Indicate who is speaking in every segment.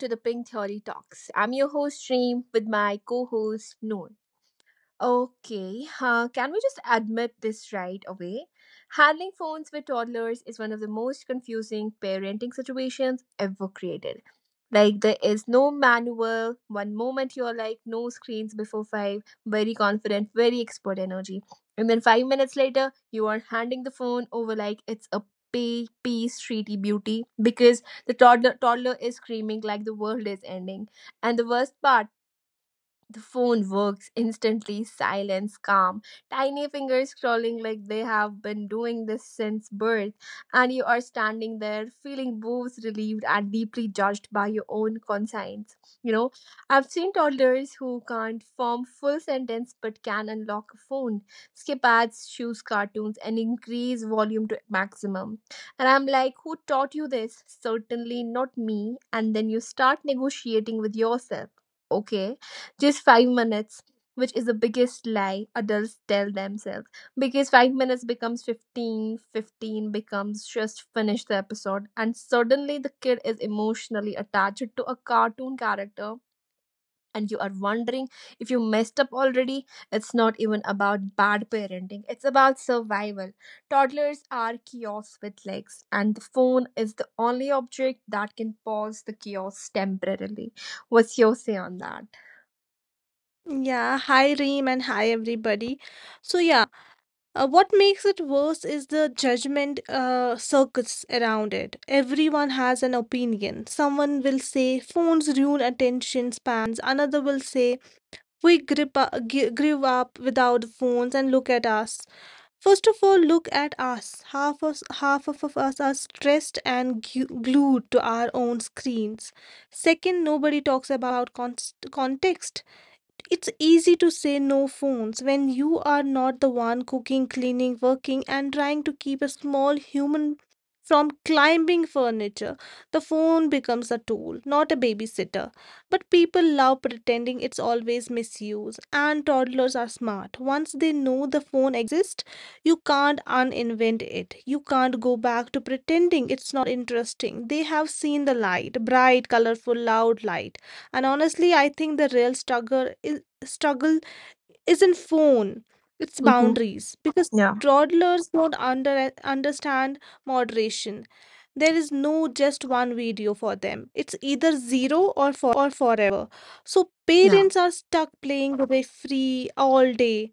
Speaker 1: to the Pink Theory Talks. I'm your host, Stream, with my co host, Noor. Okay, can we just admit this right away? Handling phones with toddlers is one of the most confusing parenting situations ever created. Like, there is no manual. One moment you're like, no screens before five, very confident, very expert energy. And then 5 minutes later, you are handing the phone over like it's a peace treaty, beauty, because the toddler is screaming like the world is ending. And the worst part, the phone works instantly, silence, calm, tiny fingers scrolling like they have been doing this since birth, and you are standing there feeling both relieved and deeply judged by your own conscience. You know, I've seen toddlers who can't form full sentence but can unlock a phone, skip ads, choose cartoons, and increase volume to maximum. And I'm like, who taught you this? Certainly not me. And then you start negotiating with yourself. Okay, just 5 minutes, which is the biggest lie adults tell themselves. Because 5 minutes becomes 15, 15 becomes just finish the episode, and suddenly the kid is emotionally attached to a cartoon character. And you are wondering if you messed up already. It's not even about bad parenting, it's about survival. Toddlers are chaos with legs, and the phone is the only object that can pause the chaos temporarily. What's your say on that?
Speaker 2: Yeah, hi Reem and hi everybody. So yeah, what makes it worse is the judgment circus around it. Everyone has an opinion. Someone will say phones ruin attention spans. Another will say we grew up without phones and look at us. First of all, look at us. Half of us are stressed and glued to our own screens. Second, nobody talks about context. It's easy to say no phones when you are not the one cooking, cleaning, working, and trying to keep a small human from climbing furniture. The phone becomes a tool, not a babysitter. But people love pretending it's always misused, and toddlers are smart. Once they know the phone exists, you can't uninvent it. You can't go back to pretending it's not interesting. They have seen the light, bright, colorful, loud light. And honestly, I think the real struggle isn't phone, it's
Speaker 1: Mm-hmm.
Speaker 2: boundaries, because
Speaker 1: Yeah.
Speaker 2: toddlers don't understand moderation. There is no just one video for them. It's either zero or forever. So
Speaker 1: Yeah.
Speaker 2: parents are stuck playing with a free all day.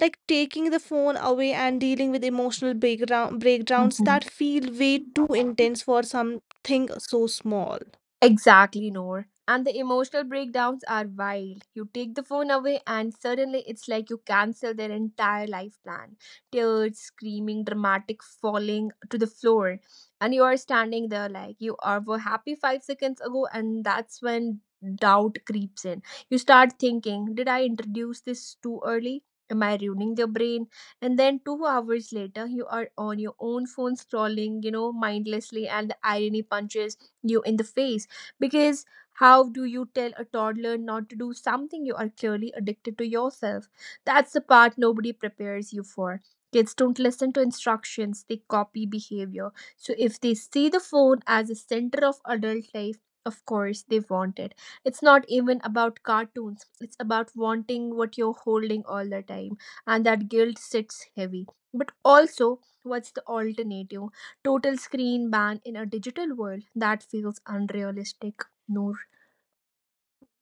Speaker 2: Like taking the phone away and dealing with emotional breakdowns
Speaker 1: Mhm.
Speaker 2: that feel way too intense for something so small.
Speaker 1: Exactly, Noor. And the emotional breakdowns are wild. You take the phone away, and suddenly it's like you cancel their entire life plan. Tears, screaming, dramatic falling to the floor. And you are standing there like, you are were happy 5 seconds ago, and that's when doubt creeps in. You start thinking, did I introduce this too early? Am I ruining their brain? And then 2 hours later, you are on your own phone scrolling, you know, mindlessly, and the irony punches you in the face, because how do you tell a toddler not to do something you are clearly addicted to yourself? That's the part nobody prepares you for. Kids don't listen to instructions, they copy behavior. So if they see the phone as a center of adult life, of course they want it. It's not even about cartoons, it's about wanting what you're holding all the time. And that guilt sits heavy. But also, what's the alternative? Total screen ban in a digital world? That feels unrealistic, Noor.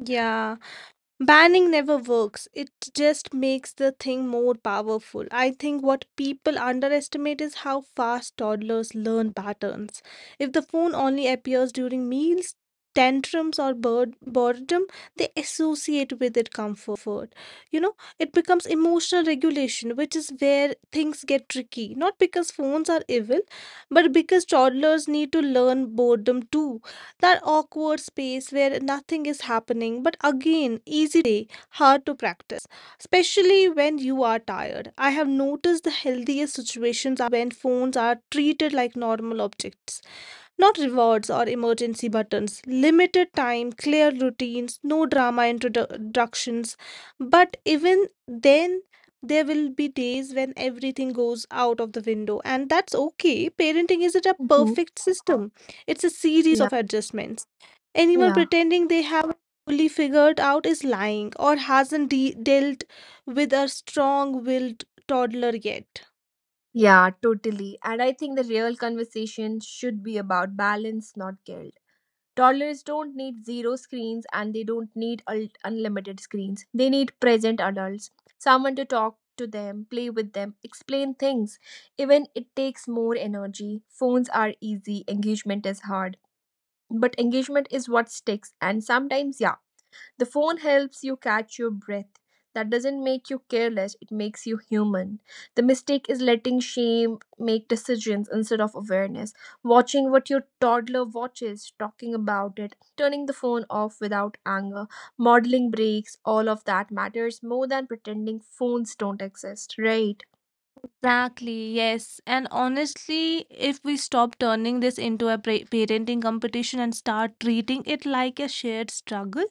Speaker 2: Yeah. Banning never works. It just makes the thing more powerful. I think what people underestimate is how fast toddlers learn patterns. If the phone only appears during meals, tantrums, or boredom, they associate with it comfort. It becomes emotional regulation, which is where things get tricky. Not because phones are evil, but because toddlers need to learn boredom too. That awkward space where nothing is happening. But again, easy to say, hard to practice, especially when you are tired. I have noticed the healthiest situations are when phones are treated like normal objects, not rewards or emergency buttons: limited time, clear routines, no drama introductions. But even then, there will be days when everything goes out of the window, and that's okay. Parenting isn't a
Speaker 1: Hmm.
Speaker 2: perfect system, it's a series
Speaker 1: Yeah,
Speaker 2: of adjustments. Anyone
Speaker 1: yeah,
Speaker 2: pretending they have it fully figured out is lying or hasn't dealt with a strong willed toddler yet.
Speaker 1: yeah. Totally. And I think the real conversation should be about balance, not guilt. Toddlers don't need zero screens, and they don't need unlimited screens. They need present adults, someone to talk to them, play with them, explain things, even it takes more energy. Phones are easy, engagement is hard, but engagement is what sticks. And sometimes, yeah, the phone helps you catch your breath. That doesn't make you careless, it makes you human. The mistake is letting shame make decisions instead of awareness, watching what your toddler watches, talking about it, turning the phone off without anger, modeling breaks. All of that matters more than pretending phones don't exist, right?
Speaker 2: Exactly, yes. And honestly, if we stop turning this into a parenting competition and start treating it like a shared struggle,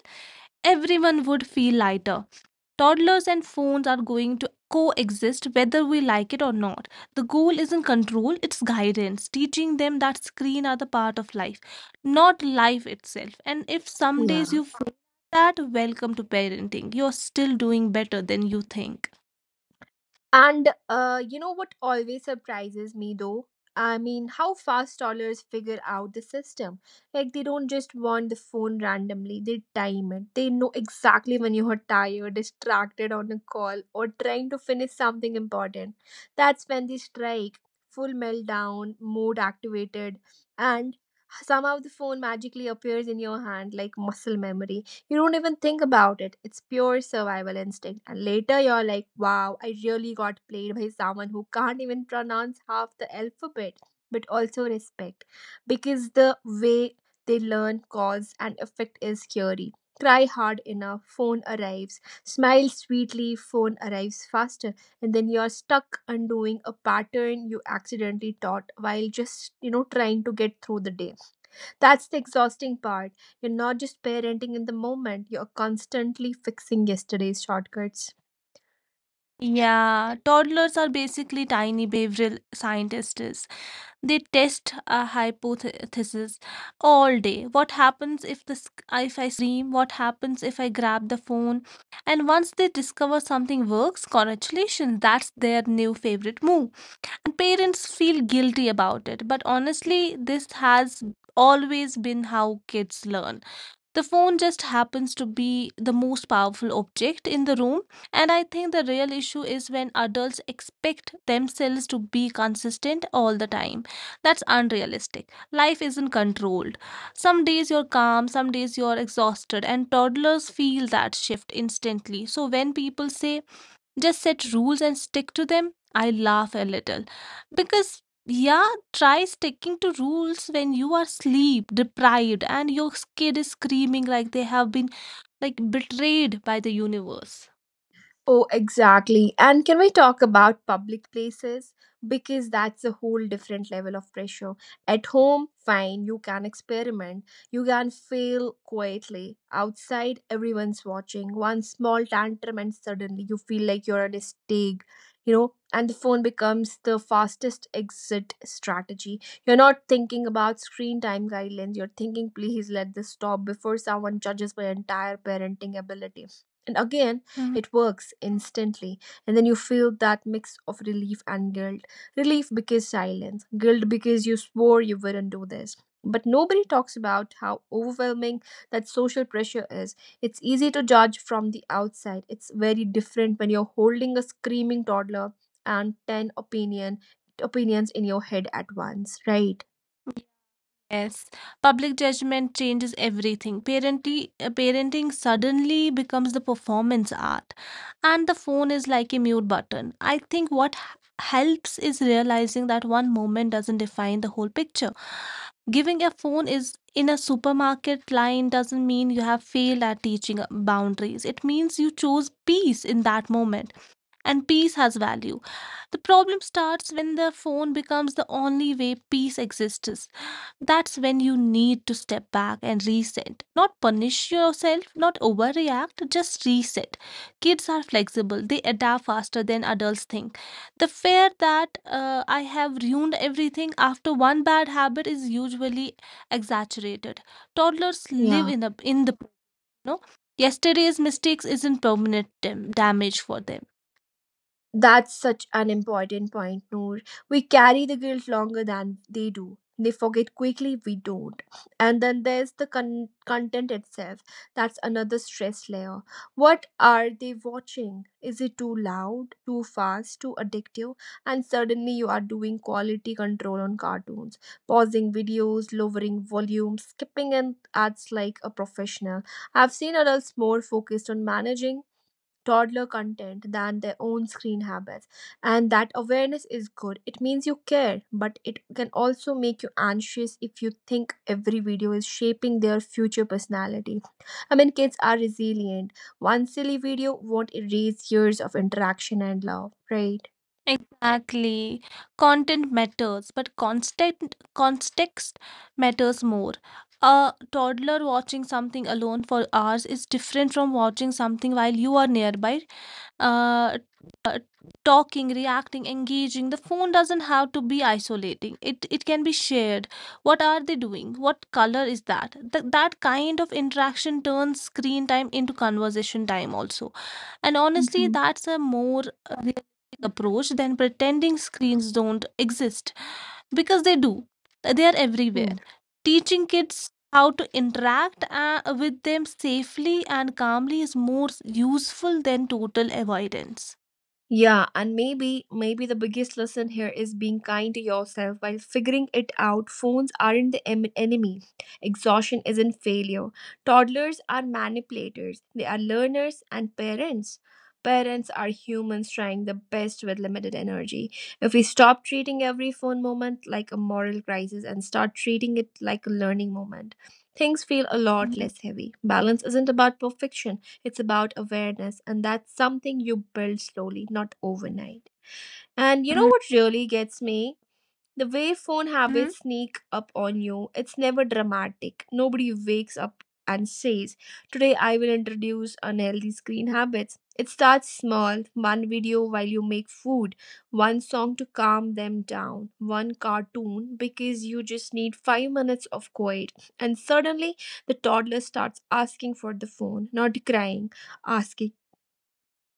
Speaker 2: everyone would feel lighter. Toddlers and phones are going to coexist whether we like it or not. The goal isn't control, it's guidance, teaching them that screen are the part of life, not life itself. And if some days
Speaker 1: Yeah.
Speaker 2: you feel that, welcome to parenting. You're still doing better than you think.
Speaker 1: And you know what always surprises me though? I mean, how fast toddlers figure out the system. Like, they don't just want the phone randomly, they time it. They know exactly when you are tired, distracted on a call, or trying to finish something important. That's when they strike, full meltdown mode activated, and somehow the phone magically appears in your hand like muscle memory, you don't even think about it. It's pure survival instinct. And later you're like, wow, I really got played by someone who can't even pronounce half the alphabet. But also, respect. Because the way they learn cause and effect is scary. Try hard enough, phone arrives. Smile sweetly, phone arrives faster. And then you're stuck undoing a pattern you accidentally taught while just, you know, trying to get through the day. That's the exhausting part. You're not just parenting in the moment, you're constantly fixing yesterday's shortcuts.
Speaker 2: Yeah, toddlers are basically tiny behavioral scientists. They test a hypothesis all day. What happens if the sc- if I scream? What happens if I grab the phone? And once they discover something works, congratulations, that's their new favorite move. And parents feel guilty about it. But honestly, this has always been how kids learn. The phone just happens to be the most powerful object in the room. And I think the real issue is when adults expect themselves to be consistent all the time. That's unrealistic. Life isn't controlled. Some days you're calm, some days you're exhausted, and toddlers feel that shift instantly. So when people say, "just set rules and stick to them," I laugh a little, because yeah, try sticking to rules when you are sleep deprived and your kid is screaming like they have been like betrayed by the universe.
Speaker 1: Oh, exactly. And can we talk about public places? Because that's a whole different level of pressure. At home, fine, you can experiment, you can fail quietly. Outside, everyone's watching. One small tantrum, and suddenly you feel like you're at a stake, you know, and the phone becomes the fastest exit strategy. You're not thinking about screen time guidelines, you're thinking, please let this stop before someone judges my entire parenting ability. And again,
Speaker 2: Mhm.
Speaker 1: it works instantly, and then you feel that mix of relief and guilt. Relief because silence, guilt because you swore you wouldn't do this. But nobody talks about how overwhelming that social pressure is. It's easy to judge from the outside. It's very different when you're holding a screaming toddler and 10 opinions in your head at once, right?
Speaker 2: Yes, public judgment changes everything. Parenting suddenly becomes the performance art, and the phone is like a mute button. I think what helps is realizing that one moment doesn't define the whole picture. Giving a phone is in a supermarket line doesn't mean you have failed at teaching boundaries. It means you chose peace in that moment, and peace has value. The problem starts when the phone becomes the only way peace exists. That's when you need to step back and reset. Not punish yourself, not overreact, just reset. Kids are flexible, they adapt faster than adults think. The fear that I have ruined everything after one bad habit is usually exaggerated. Toddlers live
Speaker 1: Yeah.
Speaker 2: in, a, in the, no, yesterday's mistakes isn't permanent damage for them.
Speaker 1: That's such an important point, Noor. We carry the guilt longer than they do. They forget quickly, we don't. And then there's the content itself. That's another stress layer. What are they watching? Is it too loud, too fast, too addictive? And suddenly you are doing quality control on cartoons, pausing videos, lowering volume, skipping in ads like a professional. I've seen adults more focused on managing toddler content than their own screen habits. And that awareness is good. It means you care, but it can also make you anxious if you think every video is shaping their future personality. I mean, kids are resilient. One silly video won't erase years of interaction and love, right?
Speaker 2: Exactly. Content matters, but constant context matters more. A toddler watching something alone for hours is different from watching something while you are nearby, uh, talking, reacting, engaging. The phone doesn't have to be isolating. It can be shared. What are they doing? What color is that? That kind of interaction turns screen time into conversation time also. And honestly,
Speaker 1: Mhm.
Speaker 2: that's a more realistic approach than pretending screens don't exist, because they do. They are
Speaker 1: Hmm.
Speaker 2: everywhere. Teaching kids how to interact with them safely and calmly is more useful than total avoidance.
Speaker 1: Yeah, and maybe the biggest lesson here is being kind to yourself while figuring it out. Phones aren't the enemy. Exhaustion isn't failure. Toddlers are manipulators. They are learners, and parents. Parents are humans trying the best with limited energy. If we stop treating every phone moment like a moral crisis and start treating it like a learning moment, things feel a lot
Speaker 2: Mhm.
Speaker 1: less heavy. Balance isn't about perfection. It's about awareness, and that's something you build slowly, not overnight. And you know what really gets me? The way phone
Speaker 2: Mhm.
Speaker 1: habits sneak up on you, it's never dramatic. Nobody wakes up and says, today I will introduce unhealthy screen habits. It starts small, one video while you make food, one song to calm them down, one cartoon because you just need 5 minutes of quiet. And suddenly the toddler starts asking for the phone, not crying, asking,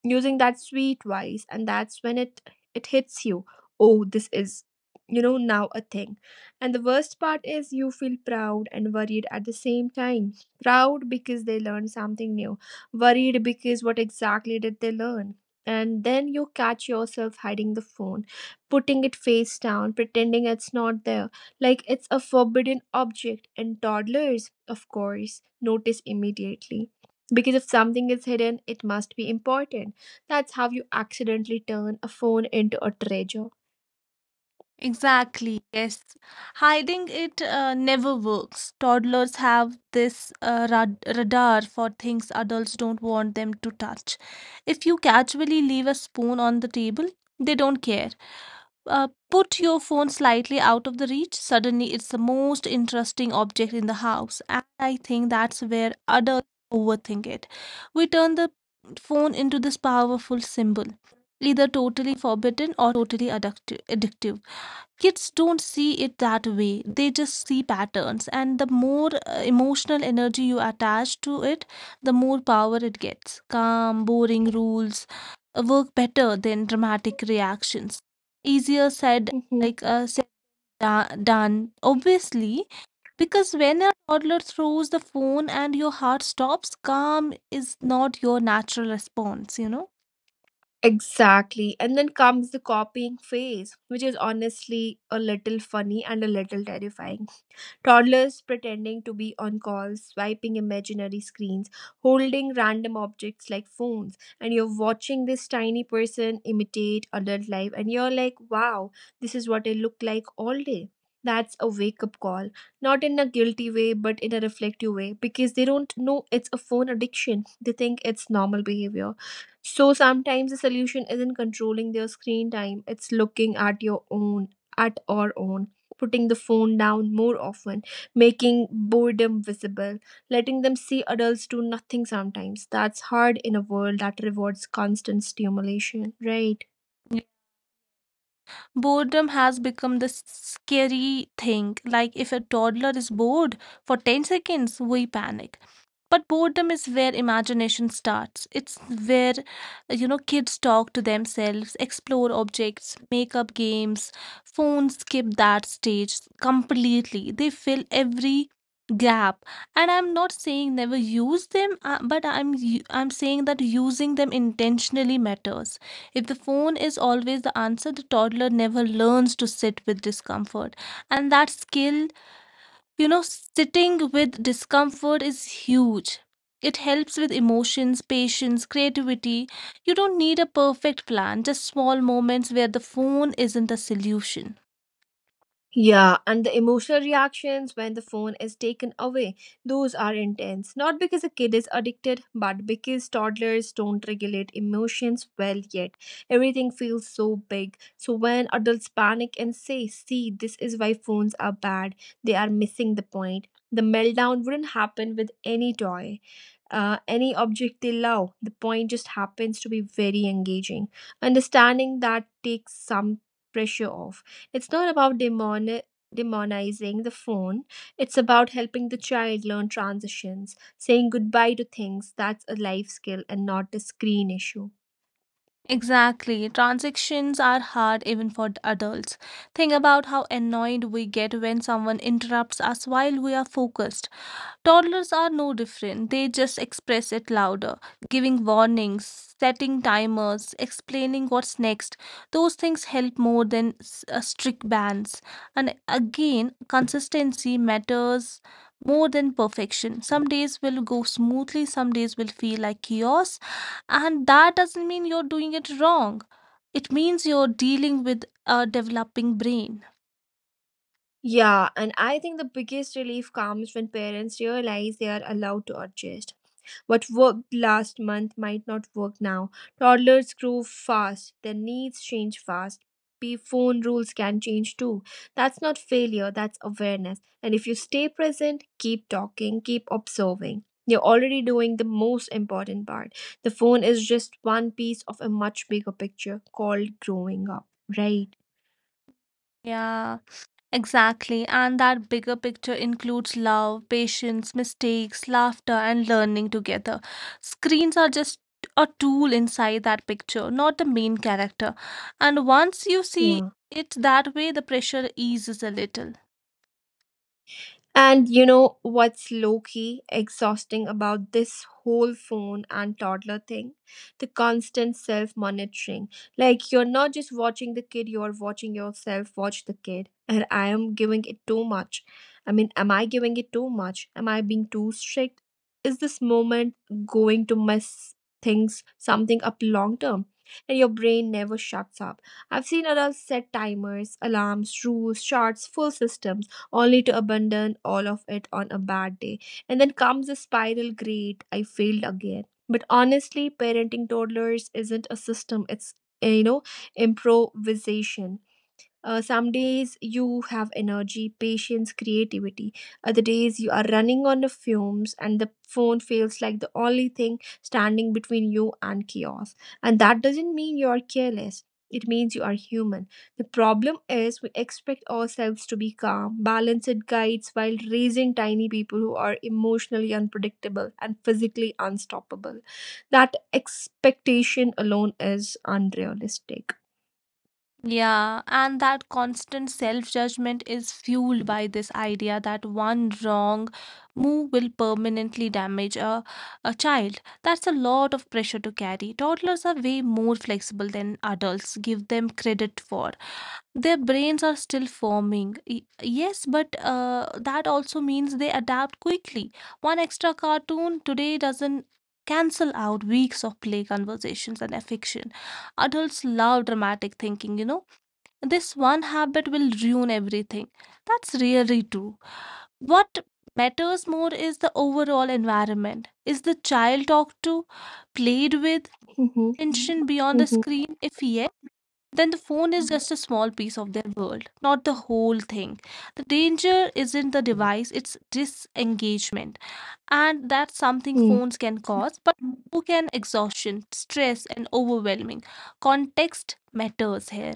Speaker 1: using that sweet voice. And that's when it hits you, oh, this is, now a thing. And the worst part is you feel proud and worried at the same time. Proud because they learned something new, worried because what exactly did they learn. And then you catch yourself hiding the phone, putting it face down, pretending it's not there, like it's a forbidden object. And toddlers, of course, notice immediately, because if something is hidden it must be important. That's how you accidentally turn a phone into a treasure.
Speaker 2: Exactly, yes. Hiding it never works. Toddlers have this radar for things adults don't want them to touch. If you casually leave a spoon on the table, they don't care. Put your phone slightly out of the reach, suddenly it's the most interesting object in the house. And I think that's where adults overthink it. We turn the phone into this powerful symbol, either totally forbidden or totally addictive. Kids don't see it that way. They just see patterns, and the more emotional energy you attach to it, the more power it gets. Calm, boring rules work better than dramatic reactions. Easier said
Speaker 1: Mhm.
Speaker 2: like uh, said da- done, obviously, because when a toddler throws the phone and your heart stops, calm is not your natural response, you know.
Speaker 1: Exactly. And then comes the copying phase, which is honestly a little funny and a little terrifying. Toddlers pretending to be on calls, swiping imaginary screens, holding random objects like phones, and you're watching this tiny person imitate adult life, and you're like, wow, this is what I look like all day. That's a wake up call, not in a guilty way, but in a reflective way, because they don't know it's a phone addiction. They think it's normal behavior. So sometimes the solution isn't controlling their screen time, it's looking at your own, at our own, putting the phone down more often, making boredom visible, letting them see adults do nothing sometimes. That's hard in a world that rewards constant stimulation, right?
Speaker 2: Boredom has become the scary thing. Like if a toddler is bored for 10 seconds, we panic. But boredom is where imagination starts. It's where, you know, kids talk to themselves, explore objects, make up games. Phones skip that stage completely. They fill every gap. And I'm not saying never use them, but I'm saying that using them intentionally matters. If the phone is always the answer, the toddler never learns to sit with discomfort. And that skill, you know, sitting with discomfort is huge. It helps with emotions, patience, creativity. You don't need a perfect plan, just small moments where the phone isn't the solution.
Speaker 1: Yeah, and the emotional reactions when the phone is taken away, those are intense. Not because a kid is addicted, but because toddlers don't regulate emotions well yet. Everything feels so big. So when adults panic and say, see, this is why phones are bad, they are missing the point. The meltdown wouldn't happen with any toy. Any object they love, the point just happens to be very engaging. Understanding that takes some pressure off. It's not about demonizing the phone, it's about helping the child learn transitions, saying goodbye to things. That's a life skill and not a screen issue.
Speaker 2: Exactly. Transactions are hard even for the adults. Think about how annoyed we get when someone interrupts us while we are focused. Toddlers are no different, they just express it louder. Giving warnings, setting timers, explaining what's next, those things help more than strict bans. And again, consistency matters more than perfection. Some days will go smoothly, some days will feel like chaos, and that doesn't mean you're doing it wrong. It means you're dealing with a developing brain.
Speaker 1: Yeah, and I think the biggest relief comes when parents realize they are allowed to adjust. What worked last month might not work now. Toddlers grow fast, their needs change fast. Phone rules can change too. That's not failure, that's awareness. And if you stay present, keep talking, keep observing, you're already doing the most important part. The phone is just one piece of a much bigger picture called growing up, right?
Speaker 2: Yeah. Exactly, and that bigger picture includes love, patience, mistakes, laughter, and learning together. Screens are just a tool inside that picture, not the main character. And once you see
Speaker 1: Yeah.
Speaker 2: it that way, the pressure eases a little.
Speaker 1: And you know what's low key exhausting about this whole phone and toddler thing? The constant self monitoring. Like, you're not just watching the kid, you're watching yourself watch the kid. And I am giving it too much. I mean, am I giving it too much? Am I being too strict? Is this moment going to mess something up long term? And your brain never shuts up. I've seen adults set timers, alarms, rules, charts, full systems only to abandon all of it on a bad day. And then comes the spiral great, I failed again. But honestly, parenting toddlers isn't a system, it's uh, you know, improvisation. Some days you have energy, patience, creativity. Other days you are running on the fumes, and the phone feels like the only thing standing between you and chaos. And that doesn't mean you are careless. It means you are human. The problem is we expect ourselves to be calm, balanced guides while raising tiny people who are emotionally unpredictable and physically unstoppable. That expectation alone is unrealistic.
Speaker 2: Yeah, and that constant self-judgment is fueled by this idea that one wrong move will permanently damage a child. That's a lot of pressure to carry. Toddlers are way more flexible than adults give them credit for. Their brains are still forming. Yes, but that also means they adapt quickly. One extra cartoon today doesn't cancel out weeks of play conversations and affection. Adults love dramatic thinking, you know, this one habit will ruin everything. That's really true. What matters more is the overall environment. Is the child talked to, played with,
Speaker 1: Mhm.
Speaker 2: attention beyond the
Speaker 1: Mhm.
Speaker 2: screen? If yes, then the phone is just a small piece of their world, not the whole thing. The danger isn't the device, it's disengagement. And that's something
Speaker 1: Hmm.
Speaker 2: phones can cause, but so can exhaustion, stress, and overwhelming. Context matters here.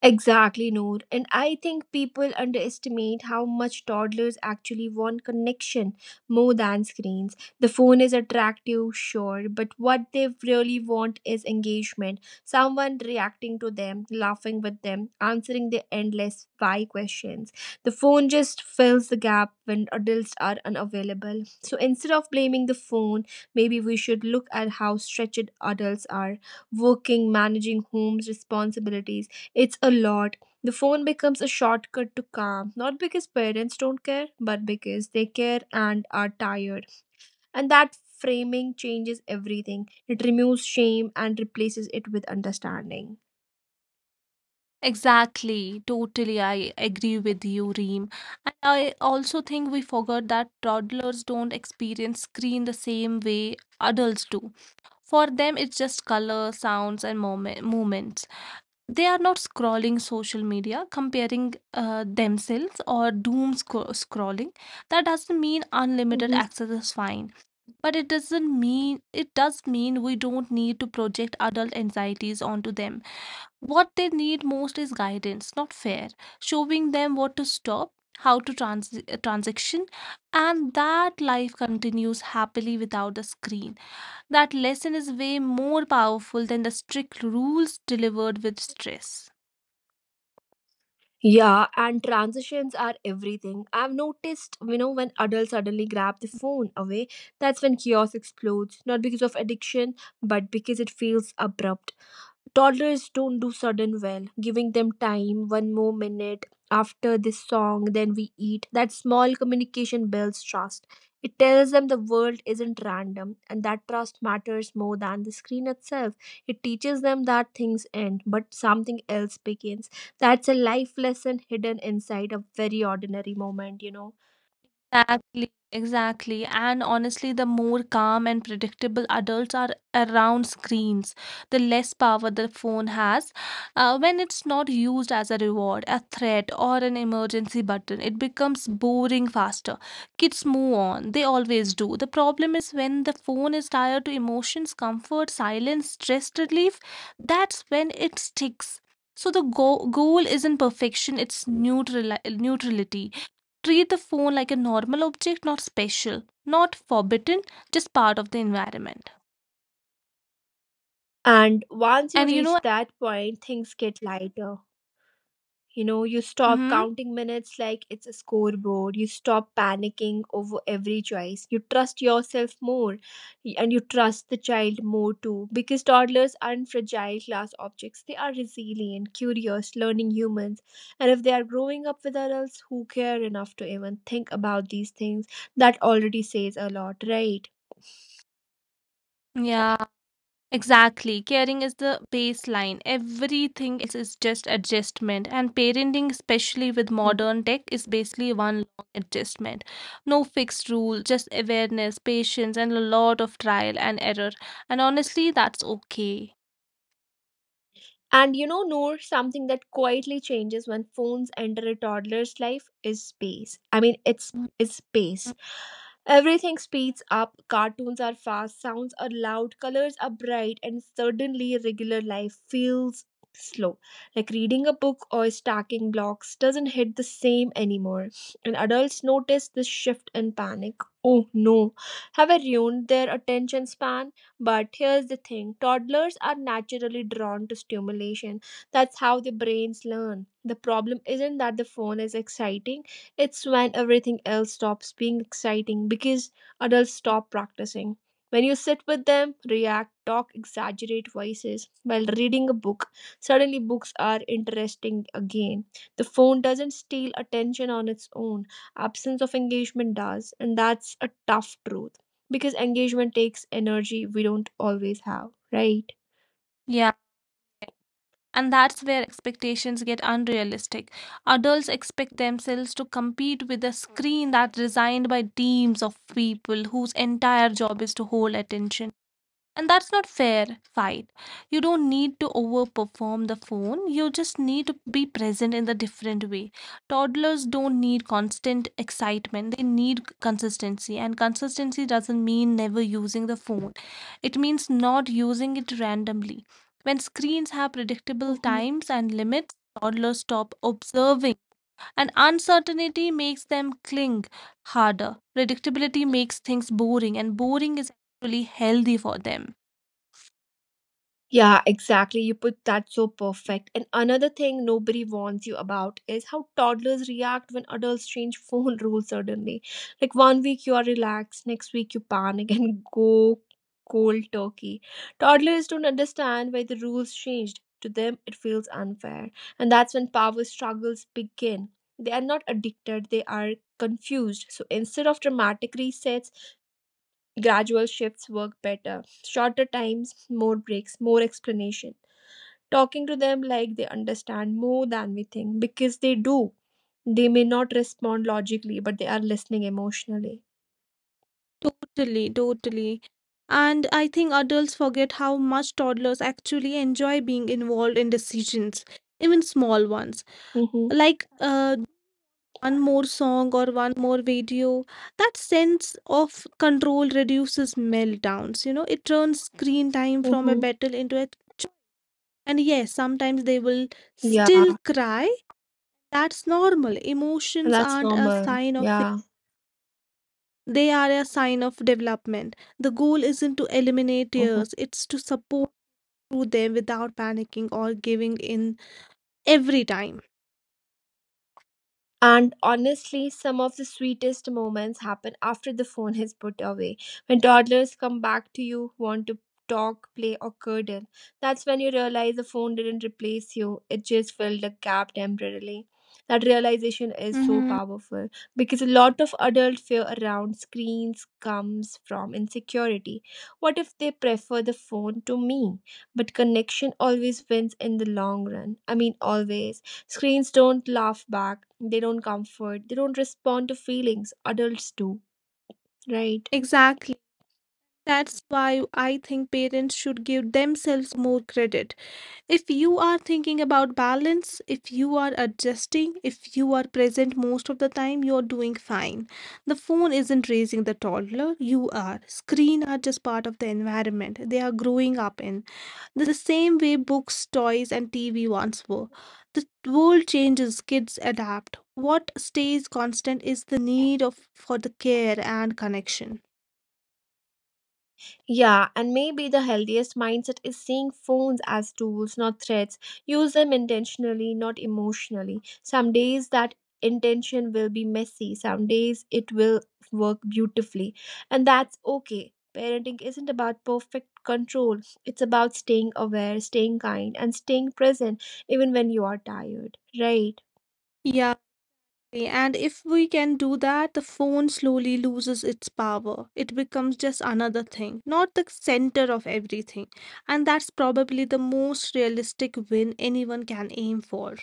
Speaker 1: Exactly, Noor. And I think people underestimate how much toddlers actually want connection more than screens. The phone is attractive, sure, but what they really want is engagement. Someone reacting to them, laughing with them, answering their endless why questions. The phone just fills the gap when adults are unavailable. So instead of blaming the phone, maybe we should look at how stretched adults are working, managing homes, responsibilities it's a lot. The phone becomes a shortcut to calm, not because parents don't care, but because they care and are tired. And that framing changes everything. It removes shame and replaces it with understanding.
Speaker 2: Exactly, totally. I agree with you, Reem. And I also think we forgot that toddlers don't experience screen the same way adults do. For them, it's just color, sounds, and moments. They are not scrolling social media, comparing themselves, or doom scrolling. That doesn't mean unlimited
Speaker 1: Mhm.
Speaker 2: access is fine, but it does mean we don't need to project adult anxieties onto them. What they need most is guidance, not fear, showing them what to stop, how to transition, and that life continues happily without the screen. That lesson is way more powerful than the strict rules delivered with stress.
Speaker 1: Yeah, and transitions are everything. I've noticed, when adults suddenly grab the phone away, that's when chaos explodes, not because of addiction, but because it feels abrupt. Toddlers don't do sudden well. Giving them time, one more minute after this song, then we eat. That small communication builds trust. It tells them the world isn't random and that trust matters more than the screen itself. It teaches them that things end, but something else begins. That's a life lesson hidden inside a very ordinary moment.
Speaker 2: Exactly, exactly. And honestly, the more calm and predictable adults are around screens, the less power the phone has. When it's not used as a reward, a threat, or an emergency button, it becomes boring faster. Kids move on, they always do. The problem is when the phone is tied to emotions, comfort, silence, stress relief, that's when it sticks. So the goal isn't perfection, it's neutrality. Treat the phone like a normal object, not special, not forbidden, just part of the environment.
Speaker 1: And once you
Speaker 2: And you know,
Speaker 1: reach that point, things get lighter. You stop
Speaker 2: hmm,
Speaker 1: counting minutes like it's a scoreboard. You stop panicking over every choice. You trust yourself more and you trust the child more too because toddlers aren't fragile glass objects. They are resilient, curious, learning humans. And if they are growing up with adults who care enough to even think about these things, that already says a lot, right?
Speaker 2: yeah, exactly. Caring is the baseline. Everything else is just adjustment. And parenting, especially with modern tech, is basically one long adjustment. No fixed rule, just awareness, patience, and a lot of trial and error. And honestly, that's okay.
Speaker 1: And Noor, something that quietly changes when phones enter a toddler's life is space. I mean, it's
Speaker 2: Mhm.
Speaker 1: it's space. Everything speeds up, cartoons are fast, sounds are loud, colors are bright, and suddenly regular life feels slow. Like reading a book or stacking blocks doesn't hit the same anymore. And adults notice this shift and panic. Oh no, have I ruined their attention span? But here's the thing: toddlers are naturally drawn to stimulation. That's how their brains learn. The problem isn't that the phone is exciting, it's when everything else stops being exciting because adults stop practicing. When you sit with them, react, talk, exaggerate voices while reading a book, suddenly books are interesting again. The phone doesn't steal attention on its own, absence of engagement does, and that's a tough truth because engagement takes energy we don't always have, right?
Speaker 2: Yeah. And that's where expectations get unrealistic. Adults expect themselves to compete with a screen that's designed by teams of people whose entire job is to hold attention. And that's not fair fight. You don't need to overperform the phone. You just need to be present in the different way. Toddlers don't need constant excitement. They need consistency. And consistency doesn't mean never using the phone. It means not using it randomly. When screens have predictable
Speaker 1: Mhm.
Speaker 2: times and limits, toddlers stop observing. And uncertainty makes them cling harder. Predictability makes things boring, and boring is actually healthy for them.
Speaker 1: Yeah, exactly. You put that so perfect. And another thing nobody warns you about is how toddlers react when adults change phone rules suddenly. Like one week you are relaxed, next week you panic and go cold turkey. Toddlers don't understand why the rules changed. To them, it feels unfair. And that's when power struggles begin. They are not addicted, they are confused. So instead of dramatic resets, gradual shifts work better. Shorter times, more breaks, more explanation. Talking to them like they understand more than we think because they do. They may not respond logically, but they are listening emotionally.
Speaker 2: Totally, totally. And I think adults forget how much toddlers actually enjoy being involved in decisions, even small ones.
Speaker 1: Mm-hmm.
Speaker 2: Like one more song or one more video. That sense of control reduces meltdowns. You know, it turns screen time from a
Speaker 1: Mm-hmm.
Speaker 2: battle into a cho- and yes, sometimes they will still
Speaker 1: Yeah,
Speaker 2: cry. That's normal.
Speaker 1: and
Speaker 2: Emotions
Speaker 1: that's
Speaker 2: aren't a
Speaker 1: normal.
Speaker 2: sign of
Speaker 1: Yeah.
Speaker 2: they are a sign of development. The goal isn't to eliminate
Speaker 1: Mm-hmm.
Speaker 2: tears, it's to support through them without panicking or giving in every time.
Speaker 1: And honestly, some of the sweetest moments happen after the phone is put away. When toddlers come back to you, want to talk, play, or cuddle, that's when you realize the phone didn't replace you, it just filled a gap temporarily. That realization is so
Speaker 2: Mm-hmm.
Speaker 1: powerful because a lot of adult fear around screens comes from insecurity. What if they prefer the phone to me? But connection always wins in the long run. I mean, always. Screens don't laugh back, they don't comfort, they don't respond to feelings. Adults do, right?
Speaker 2: Exactly. That's why I think parents should give themselves more credit. If you are thinking about balance, if you are adjusting, if you are present most of the time, you're doing fine. The phone isn't raising the toddler, you are. Screen are just part of the environment they are growing up in, the same way books, toys, and TV once were. The world changes, kids adapt. What stays constant is the need of for the care and connection.
Speaker 1: Yeah, and maybe the healthiest mindset is seeing phones as tools, not threats. Use them intentionally, not emotionally. Some days that intention will be messy, some days it will work beautifully, and that's okay. Parenting isn't about perfect control, it's about staying aware, staying kind, and staying present even when you are tired, right?
Speaker 2: Yeah, exactly. And if we can do that, the phone slowly loses its power. It becomes just another thing, not the center of everything. And that's probably the most realistic win anyone can aim for.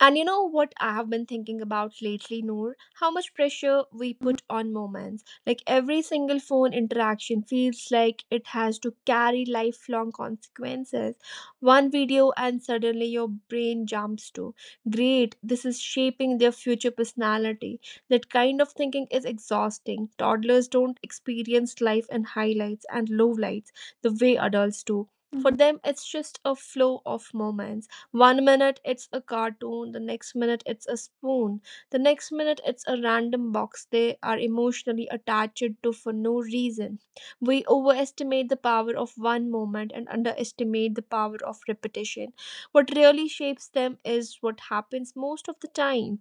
Speaker 1: And you know what I have been thinking about lately, Noor? How much pressure we
Speaker 2: Mhm,
Speaker 1: put on moments. Like every single phone interaction feels like it has to carry lifelong consequences. One video, and suddenly your brain jumps to, great, this is shaping their future personality. That kind of thinking is exhausting. Toddlers don't experience life in highlights and lowlights the way adults do. For
Speaker 2: mhm.
Speaker 1: them, it's just a flow of moments one minute it's a cartoon, the next minute it's a spoon, the next minute it's a random box they are emotionally attached to for no reason. We overestimate the power of one moment and underestimate the power of repetition. What really shapes them is what happens most of the time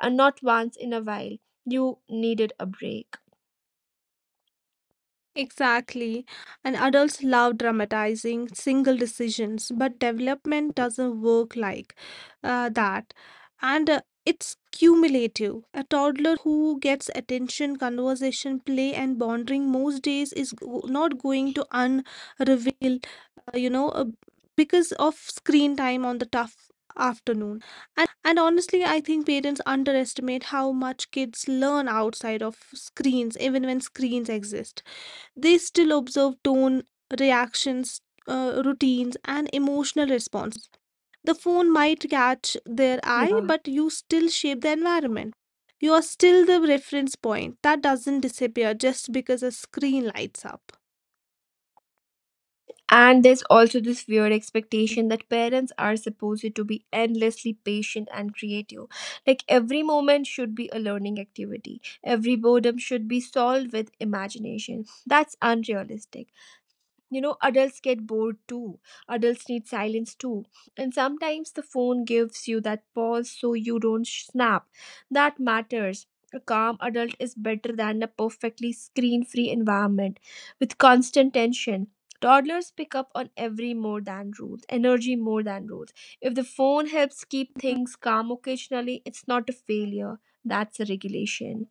Speaker 1: and not once in a while. You needed a break.
Speaker 2: Exactly. And adults love dramatizing single decisions, but development doesn't work like that. And it's cumulative. A toddler who gets attention, conversation, play, and bonding most days is not going to unreveal, uh, you know, uh, because of screen time on the tough afternoon. And honestly, I think parents underestimate how much kids learn outside of screens, even when screens exist. They still observe tone, reactions, routines, and emotional responses. The phone might catch their eye,
Speaker 1: Yeah.
Speaker 2: but you still shape the environment. You are still the reference point. That doesn't disappear just because a screen lights up.
Speaker 1: And there's also this weird expectation that parents are supposed to be endlessly patient and creative. Like every moment should be a learning activity, every boredom should be solved with imagination. That's unrealistic. Adults get bored too. Adults need silence too. And sometimes the phone gives you that pause so you don't snap. That matters. A calm adult is better than a perfectly screen free environment with constant tension. Toddlers pick up on every more than rules, energy more than rules. If the phone helps keep
Speaker 2: Mm-hmm.
Speaker 1: things calm occasionally, it's not a failure that's a regulation.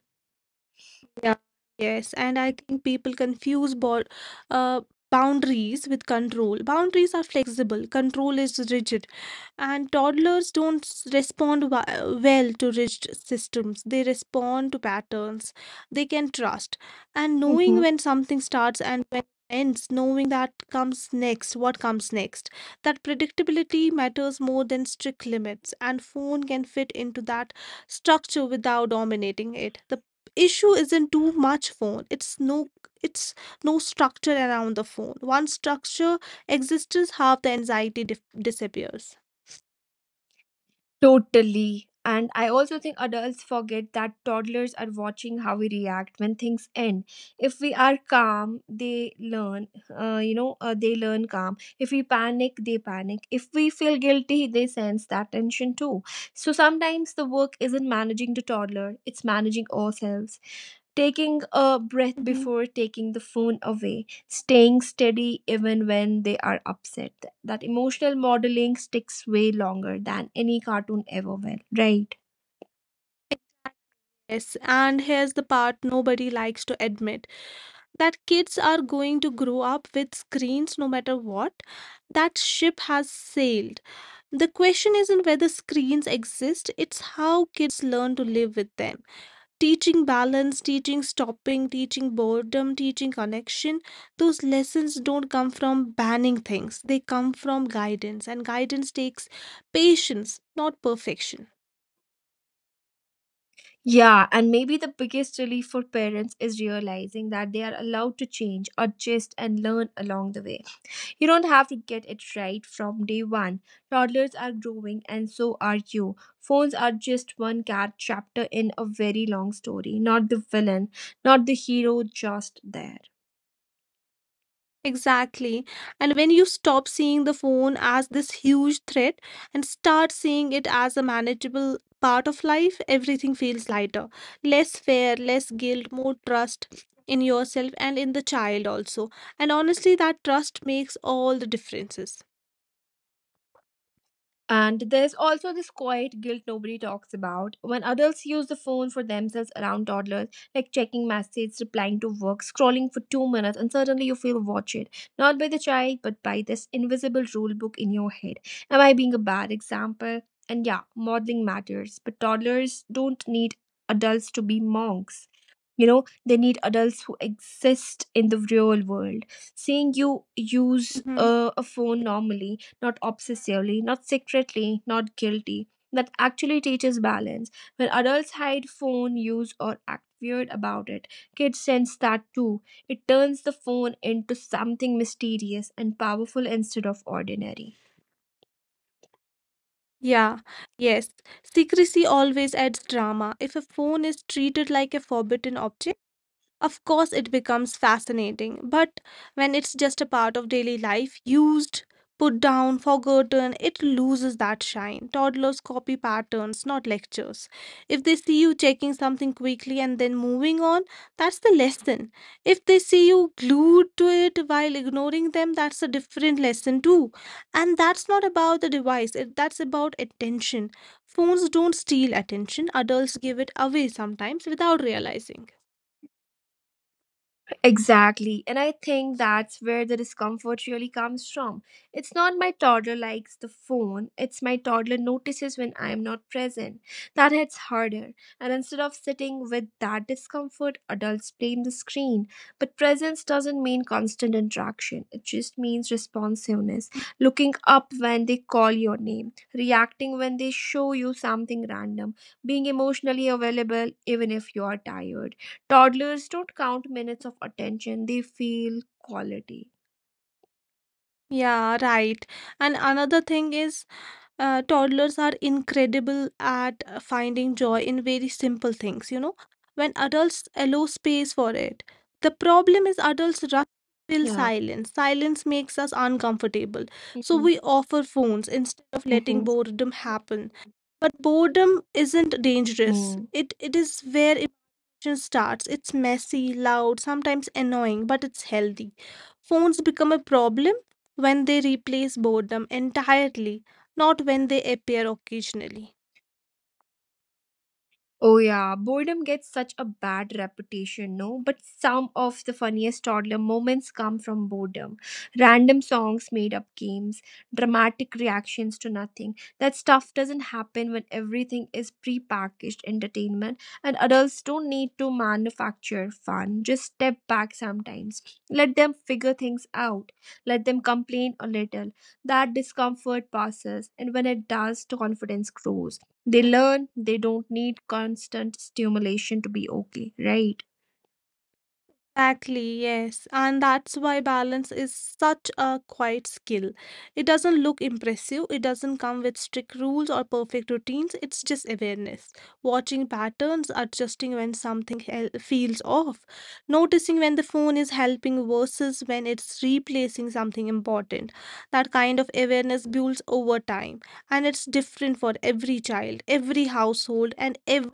Speaker 2: Yeah, yes, and I think people confuse uh, boundaries with control. Boundaries are flexible, control is rigid. And toddlers don't respond well to rigid systems. They respond to patterns they can trust, and knowing
Speaker 1: Mhm.
Speaker 2: when something starts and when ends, knowing that comes next what comes next, that predictability matters more than strict limits. And phone can fit into that structure without dominating it. The issue isn't too much phone, it's no structure around the phone. Once structure exists, half the anxiety disappears.
Speaker 1: Totally. And I also think adults forget that toddlers are watching how we react when things end. If we are calm, they learn calm. If we panic, they panic. If we feel guilty, they sense that tension too. So sometimes the work isn't managing the toddler, it's managing ourselves taking a breath
Speaker 2: Mhm.
Speaker 1: before taking the phone away, staying steady even when they are upset. That emotional modeling sticks way longer than any cartoon ever will, right?
Speaker 2: Yes, and here's the part nobody likes to admit that kids are going to grow up with screens no matter what. That ship has sailed. The question isn't whether screens exist, it's how kids learn to live with them. Teaching balance, teaching stopping, teaching boredom, teaching connection, those lessons don't come from banning things, they come from guidance, and guidance takes patience, not perfection.
Speaker 1: Yeah, and maybe the biggest relief for parents is realizing that they are allowed to change, adjust, and learn along the way. You don't have to get it right from day one. Toddlers are growing, and so are you. Phones are just one cat chapter in a very long story, not the villain, not the hero, just there.
Speaker 2: Exactly. And when you stop seeing the phone as this huge threat and start seeing it as a manageable part of life, everything feels lighter, less fear, less guilt, more trust in yourself and in the child also. And honestly, that trust makes all the differences.
Speaker 1: And there's also this quiet guilt nobody talks about. When adults use the phone for themselves around toddlers, like checking messages, replying to work, scrolling for two minutes, and suddenly you feel watched. Not by the child, but by this invisible rule book in your head. Am I being a bad example? And yeah, modeling matters, but toddlers don't need adults to be monks. They need adults who exist in the real world. Seeing you use
Speaker 2: Mhm.
Speaker 1: a phone normally not obsessively, not secretly, not guilty, that actually teaches balance. When adults hide phone use or act weird about it, kids sense that too. It turns the phone into something mysterious and powerful instead of ordinary.
Speaker 2: Yeah, yes. Secrecy always adds drama. If a phone is treated like a forbidden object, of course, it becomes fascinating, but when it's just a part of daily life, used, put down, forgotten, it loses that shine. Toddlers copy patterns, not lectures. If they see you checking something quickly and then moving on, that's the lesson. If they see you glued to it while ignoring them, that's a different lesson too. And that's not about the device, it, that's about attention. Phones don't steal attention, adults give it away sometimes without realizing.
Speaker 1: Exactly. And I think that's where the discomfort really comes from. It's not my toddler likes the phone, it's my toddler notices when I'm not present. That hits harder. And instead of sitting with that discomfort, adults blame the screen. But presence doesn't mean constant interaction, it just means responsiveness. Looking up when they call your name, reacting when they show you something random, being emotionally available even if you are tired. Toddlers don't count minutes of attention, they feel quality.
Speaker 2: Yeah, right. And another thing is, toddlers are incredible at finding joy in very simple things, you know, when adults allow space for it. The problem is adults rush to fill
Speaker 1: Yeah.
Speaker 2: silence. Silence makes us uncomfortable. So
Speaker 1: Mm-hmm.
Speaker 2: we offer phones instead of letting boredom happen. But boredom isn't dangerous.
Speaker 1: Mm-hmm.
Speaker 2: It is where imagination starts. It's messy, loud, sometimes annoying, but it's healthy. Phones become a problem when they replace boredom entirely, not when they appear occasionally.
Speaker 1: Oh yeah, boredom gets such a bad reputation, no? But some of the funniest toddler moments come from boredom. Random songs, made up games, dramatic reactions to nothing. That stuff doesn't happen when everything is pre-packaged entertainment and adults don't need to manufacture fun. Just step back sometimes. Let them figure things out. Let them complain a little. That discomfort passes and when it does, the confidence grows. They learn they don't need constant stimulation to be okay, right?
Speaker 2: Exactly, yes. And that's why balance is such a quiet skill. It doesn't look impressive, it doesn't come with strict rules or perfect routines, it's just awareness. Watching patterns, adjusting when something feels off, noticing when the phone is helping versus when it's replacing something important. That kind of awareness builds over time, and it's different for every child, every household, and every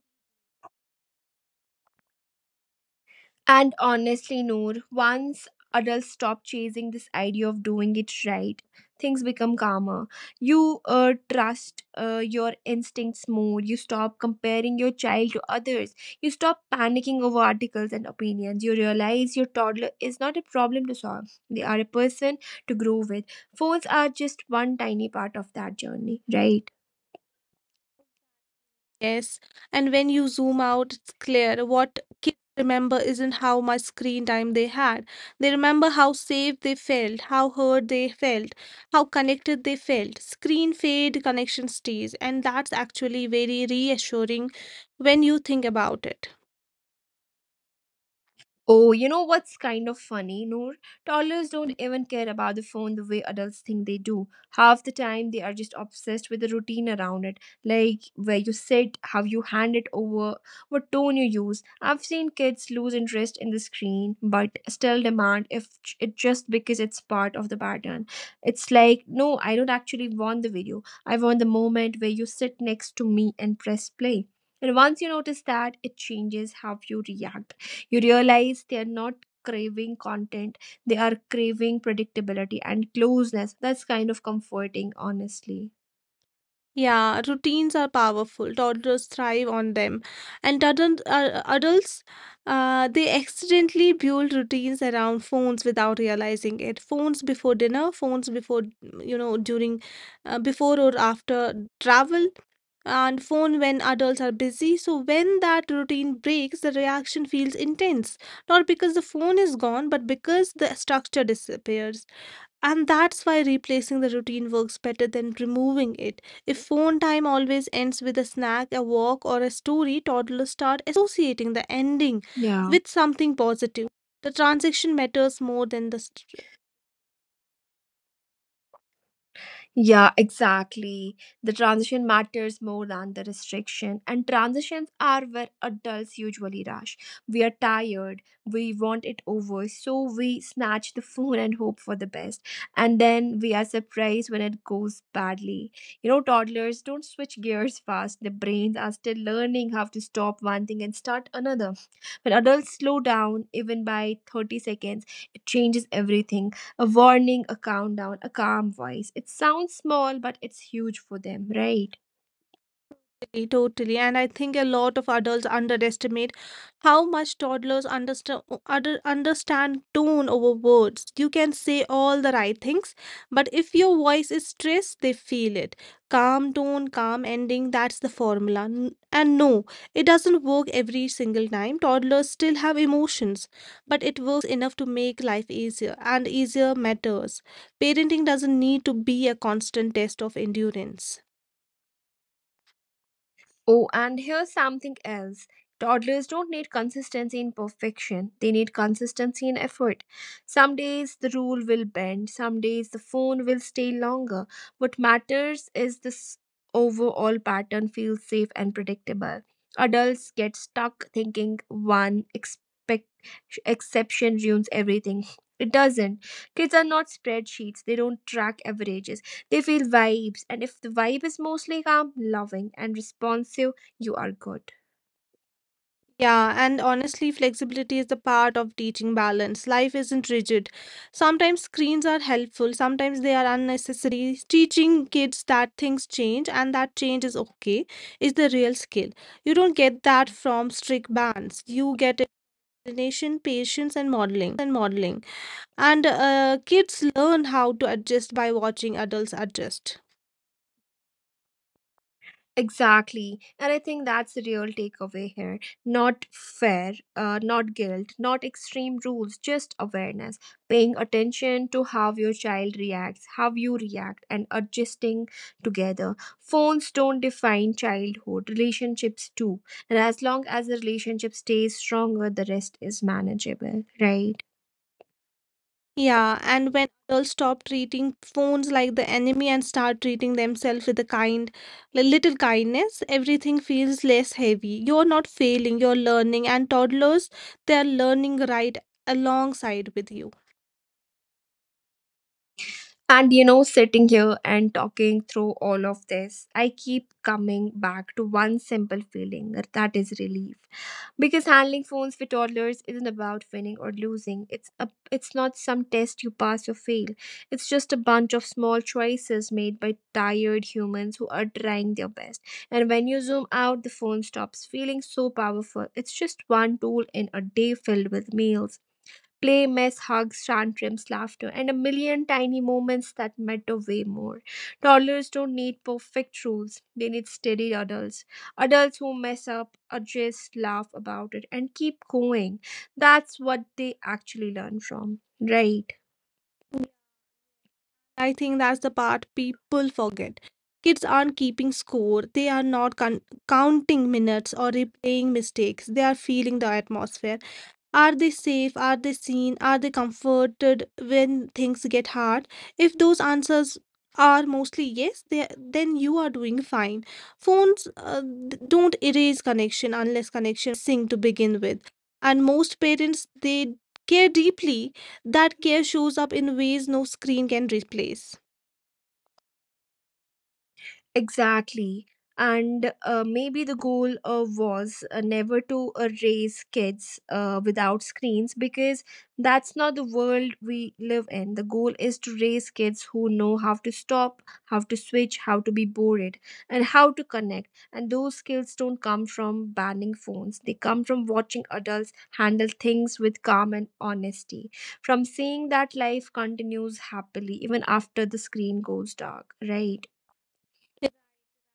Speaker 1: And honestly, Noor, once adults stop chasing this idea of doing it right, things become calmer. You trust your instincts more. You stop comparing your child to others. You stop panicking over articles and opinions. You realize your toddler is not a problem to solve, they are a person to grow with. Phones are just one tiny part of that journey, right?
Speaker 2: yes, and when you zoom out, it's clear what kids remember isn't how much screen time they had. They remember how safe they felt, how heard they felt, how connected they felt. Screen fade, connection stays, and that's actually very reassuring when you think about it.
Speaker 1: Oh, you know what's kind of funny, Noor? Toddlers don't even care about the phone the way adults think they do. Half the time, they are just obsessed with the routine around it, like where you sit, how you hand it over, what tone you use. I've seen kids lose interest in the screen, but still demand if it just because it's part of the pattern. It's like, no, I don't actually want the video. I want the moment where you sit next to me and press play. And once you notice that, it changes how you react. You realize they are not craving content, they are craving predictability and closeness. That's kind of comforting, honestly.
Speaker 2: Yeah, routines are powerful. Toddlers thrive on them. And adults, they accidentally build routines around phones without realizing it. Phones before dinner, phones before, you know, during, before or after travel, and phone when adults are busy. So when that routine breaks, the reaction feels intense. Not because the phone is gone, but because the structure disappears. And that's why replacing the routine works better than removing it. If phone time always ends with a snack, a walk, or a story, toddlers start associating the ending
Speaker 1: Yeah.
Speaker 2: with something positive. The transaction matters more than the
Speaker 1: Yeah, exactly. The transition matters more than the restriction, and transitions are where adults usually rush. We are tired, we want it over, so we snatch the phone and hope for the best. And then we are surprised when it goes badly. You know, toddlers don't switch gears fast, their brains are still learning how to stop one thing and start another. When adults slow down, even by 30 seconds, it changes everything. A warning, a countdown, a calm voice. It sounds small, but it's huge for them, right?
Speaker 2: totally, totally. And I think a lot of adults underestimate how much toddlers understand understand tone over words. You can say all the right things, but if your voice is stressed, they feel it. Calm tone, calm ending, that's the formula. And no, it doesn't work every single time. Toddlers still have emotions, but it works enough to make life easier, and easier matters. Parenting doesn't need to be a constant test of endurance.
Speaker 1: Oh, and here's something else. Toddlers don't need consistency in perfection, they need consistency in effort. Some days the rule will bend, some days the phone will stay longer. What matters is this overall pattern feels safe and predictable. Adults get stuck thinking one exception ruins everything. It doesn't. Kids are not spreadsheets, they don't track averages. They feel vibes, and if the vibe is mostly calm, loving, and responsive, you are good.
Speaker 2: Yeah, and honestly, flexibility is the part of teaching balance. Life isn't rigid. Sometimes screens are helpful, sometimes they are unnecessary. Teaching kids that things change and that change is okay is the real skill. You don't get that from strict bans. You get explanation, patience, and modeling. And kids learn how to adjust by watching adults adjust.
Speaker 1: Exactly. And I think that's the real takeaway here. Not fair, not guilt, not extreme rules, just awareness. Paying attention to how your child reacts, how you react, and adjusting together. Phones don't define childhood, relationships do. And as long as the relationship stays stronger, the rest is manageable, right?
Speaker 2: Yeah, and when adults stop treating phones like the enemy and start treating themselves with a kind, little kindness, everything feels less heavy. You're not failing, you're learning, and toddlers, they're learning right alongside with you.
Speaker 1: And you know, sitting here and talking through all of this, I keep coming back to one simple feeling, and that is relief. Because handling phones for toddlers isn't about winning or losing. It's not some test you pass or fail. It's just a bunch of small choices made by tired humans who are trying their best. And when you zoom out, the phone stops feeling so powerful. It's just one tool in a day filled with meals, play, mess, hugs, tantrums, laughter, and a million tiny moments that matter way more. Toddlers don't need perfect rules, they need steady adults. Adults who mess up, adjust, laugh about it, and keep going. That's what they actually learn from, right?
Speaker 2: I think that's the part people forget. Kids aren't keeping score, they are not counting minutes or replaying mistakes, they are feeling the atmosphere. Are they safe? Are they seen? Are they comforted when things get hard? If those answers are mostly yes, they, then you are doing fine. Phones don't erase connection unless connection was missing to begin with. And most parents, they care deeply. That care shows up in ways no screen can replace.
Speaker 1: Exactly. And maybe the goal was never to raise kids without screens, because that's not the world we live in. The goal is to raise kids who know how to stop, how to switch, how to be bored, and how to connect. And those skills don't come from banning phones, they come from watching adults handle things with calm and honesty, from seeing that life continues happily even after the screen goes dark, right?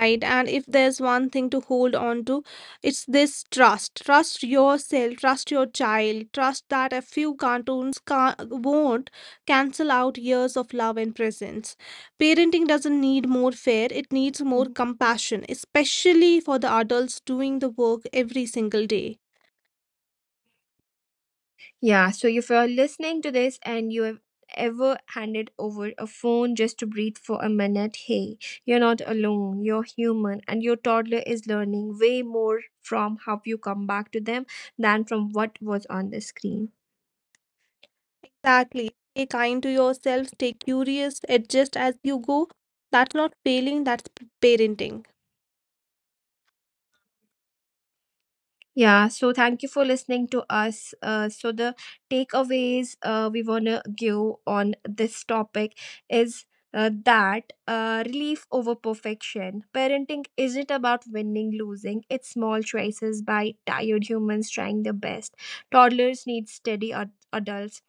Speaker 2: Right. And if there's one thing to hold on to, it's this trust. Trust yourself, trust your child, trust that a few cartoons can't, won't cancel out years of love and presence. Parenting doesn't need more fear, it needs more
Speaker 1: Mhm.
Speaker 2: compassion, especially for the adults doing the work every single day.
Speaker 1: Yeah, so if you're listening to this and you have ever handed over a phone just to breathe for a minute, hey, you're not alone. You're human, and your toddler is learning way more from how you come back to them than from what was on the screen.
Speaker 2: Exactly. Stay kind to yourself, stay curious, adjust as you go. That's not failing, that's parenting.
Speaker 1: Yeah, so thank you for listening to us. So the takeaways we want to give on this topic is that relief over perfection. Parenting isn't about winning, losing. It's small choices by tired humans trying their best. Toddlers need steady adults,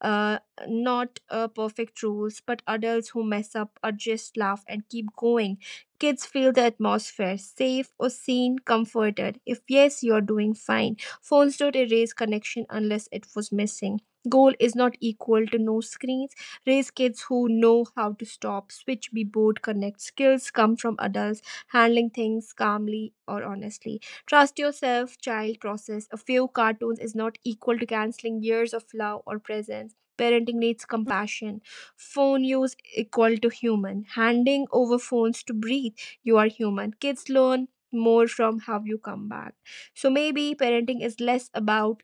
Speaker 1: uh, not perfect rules, but adults who mess up, adjust, laugh, and keep going. Kids feel the atmosphere safe or seen, comforted. If yes, you're doing fine. Phones don't erase connection unless it was missing. Goal is not equal to no screens. Raise kids who know how to stop, switch, be bored, connect. Skills come from adults handling things calmly or honestly. Trust yourself, child process. A few cartoons is not equal to canceling years of love or presence, parenting needs compassion, phone use equal to human handing over phones to breathe, you are human, kids learn more from how you come back, so maybe parenting is less about,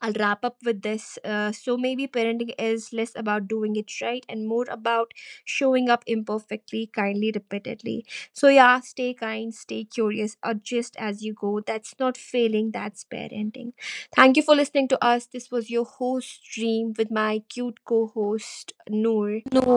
Speaker 1: I'll wrap up with this. So maybe parenting is less about doing it right and more about showing up imperfectly, kindly, repeatedly. So, yeah, stay kind, stay curious, adjust as you go. That's not failing, that's parenting. Thank you for listening to us. This was your host, Dream, with my cute co host, Noor.
Speaker 2: No,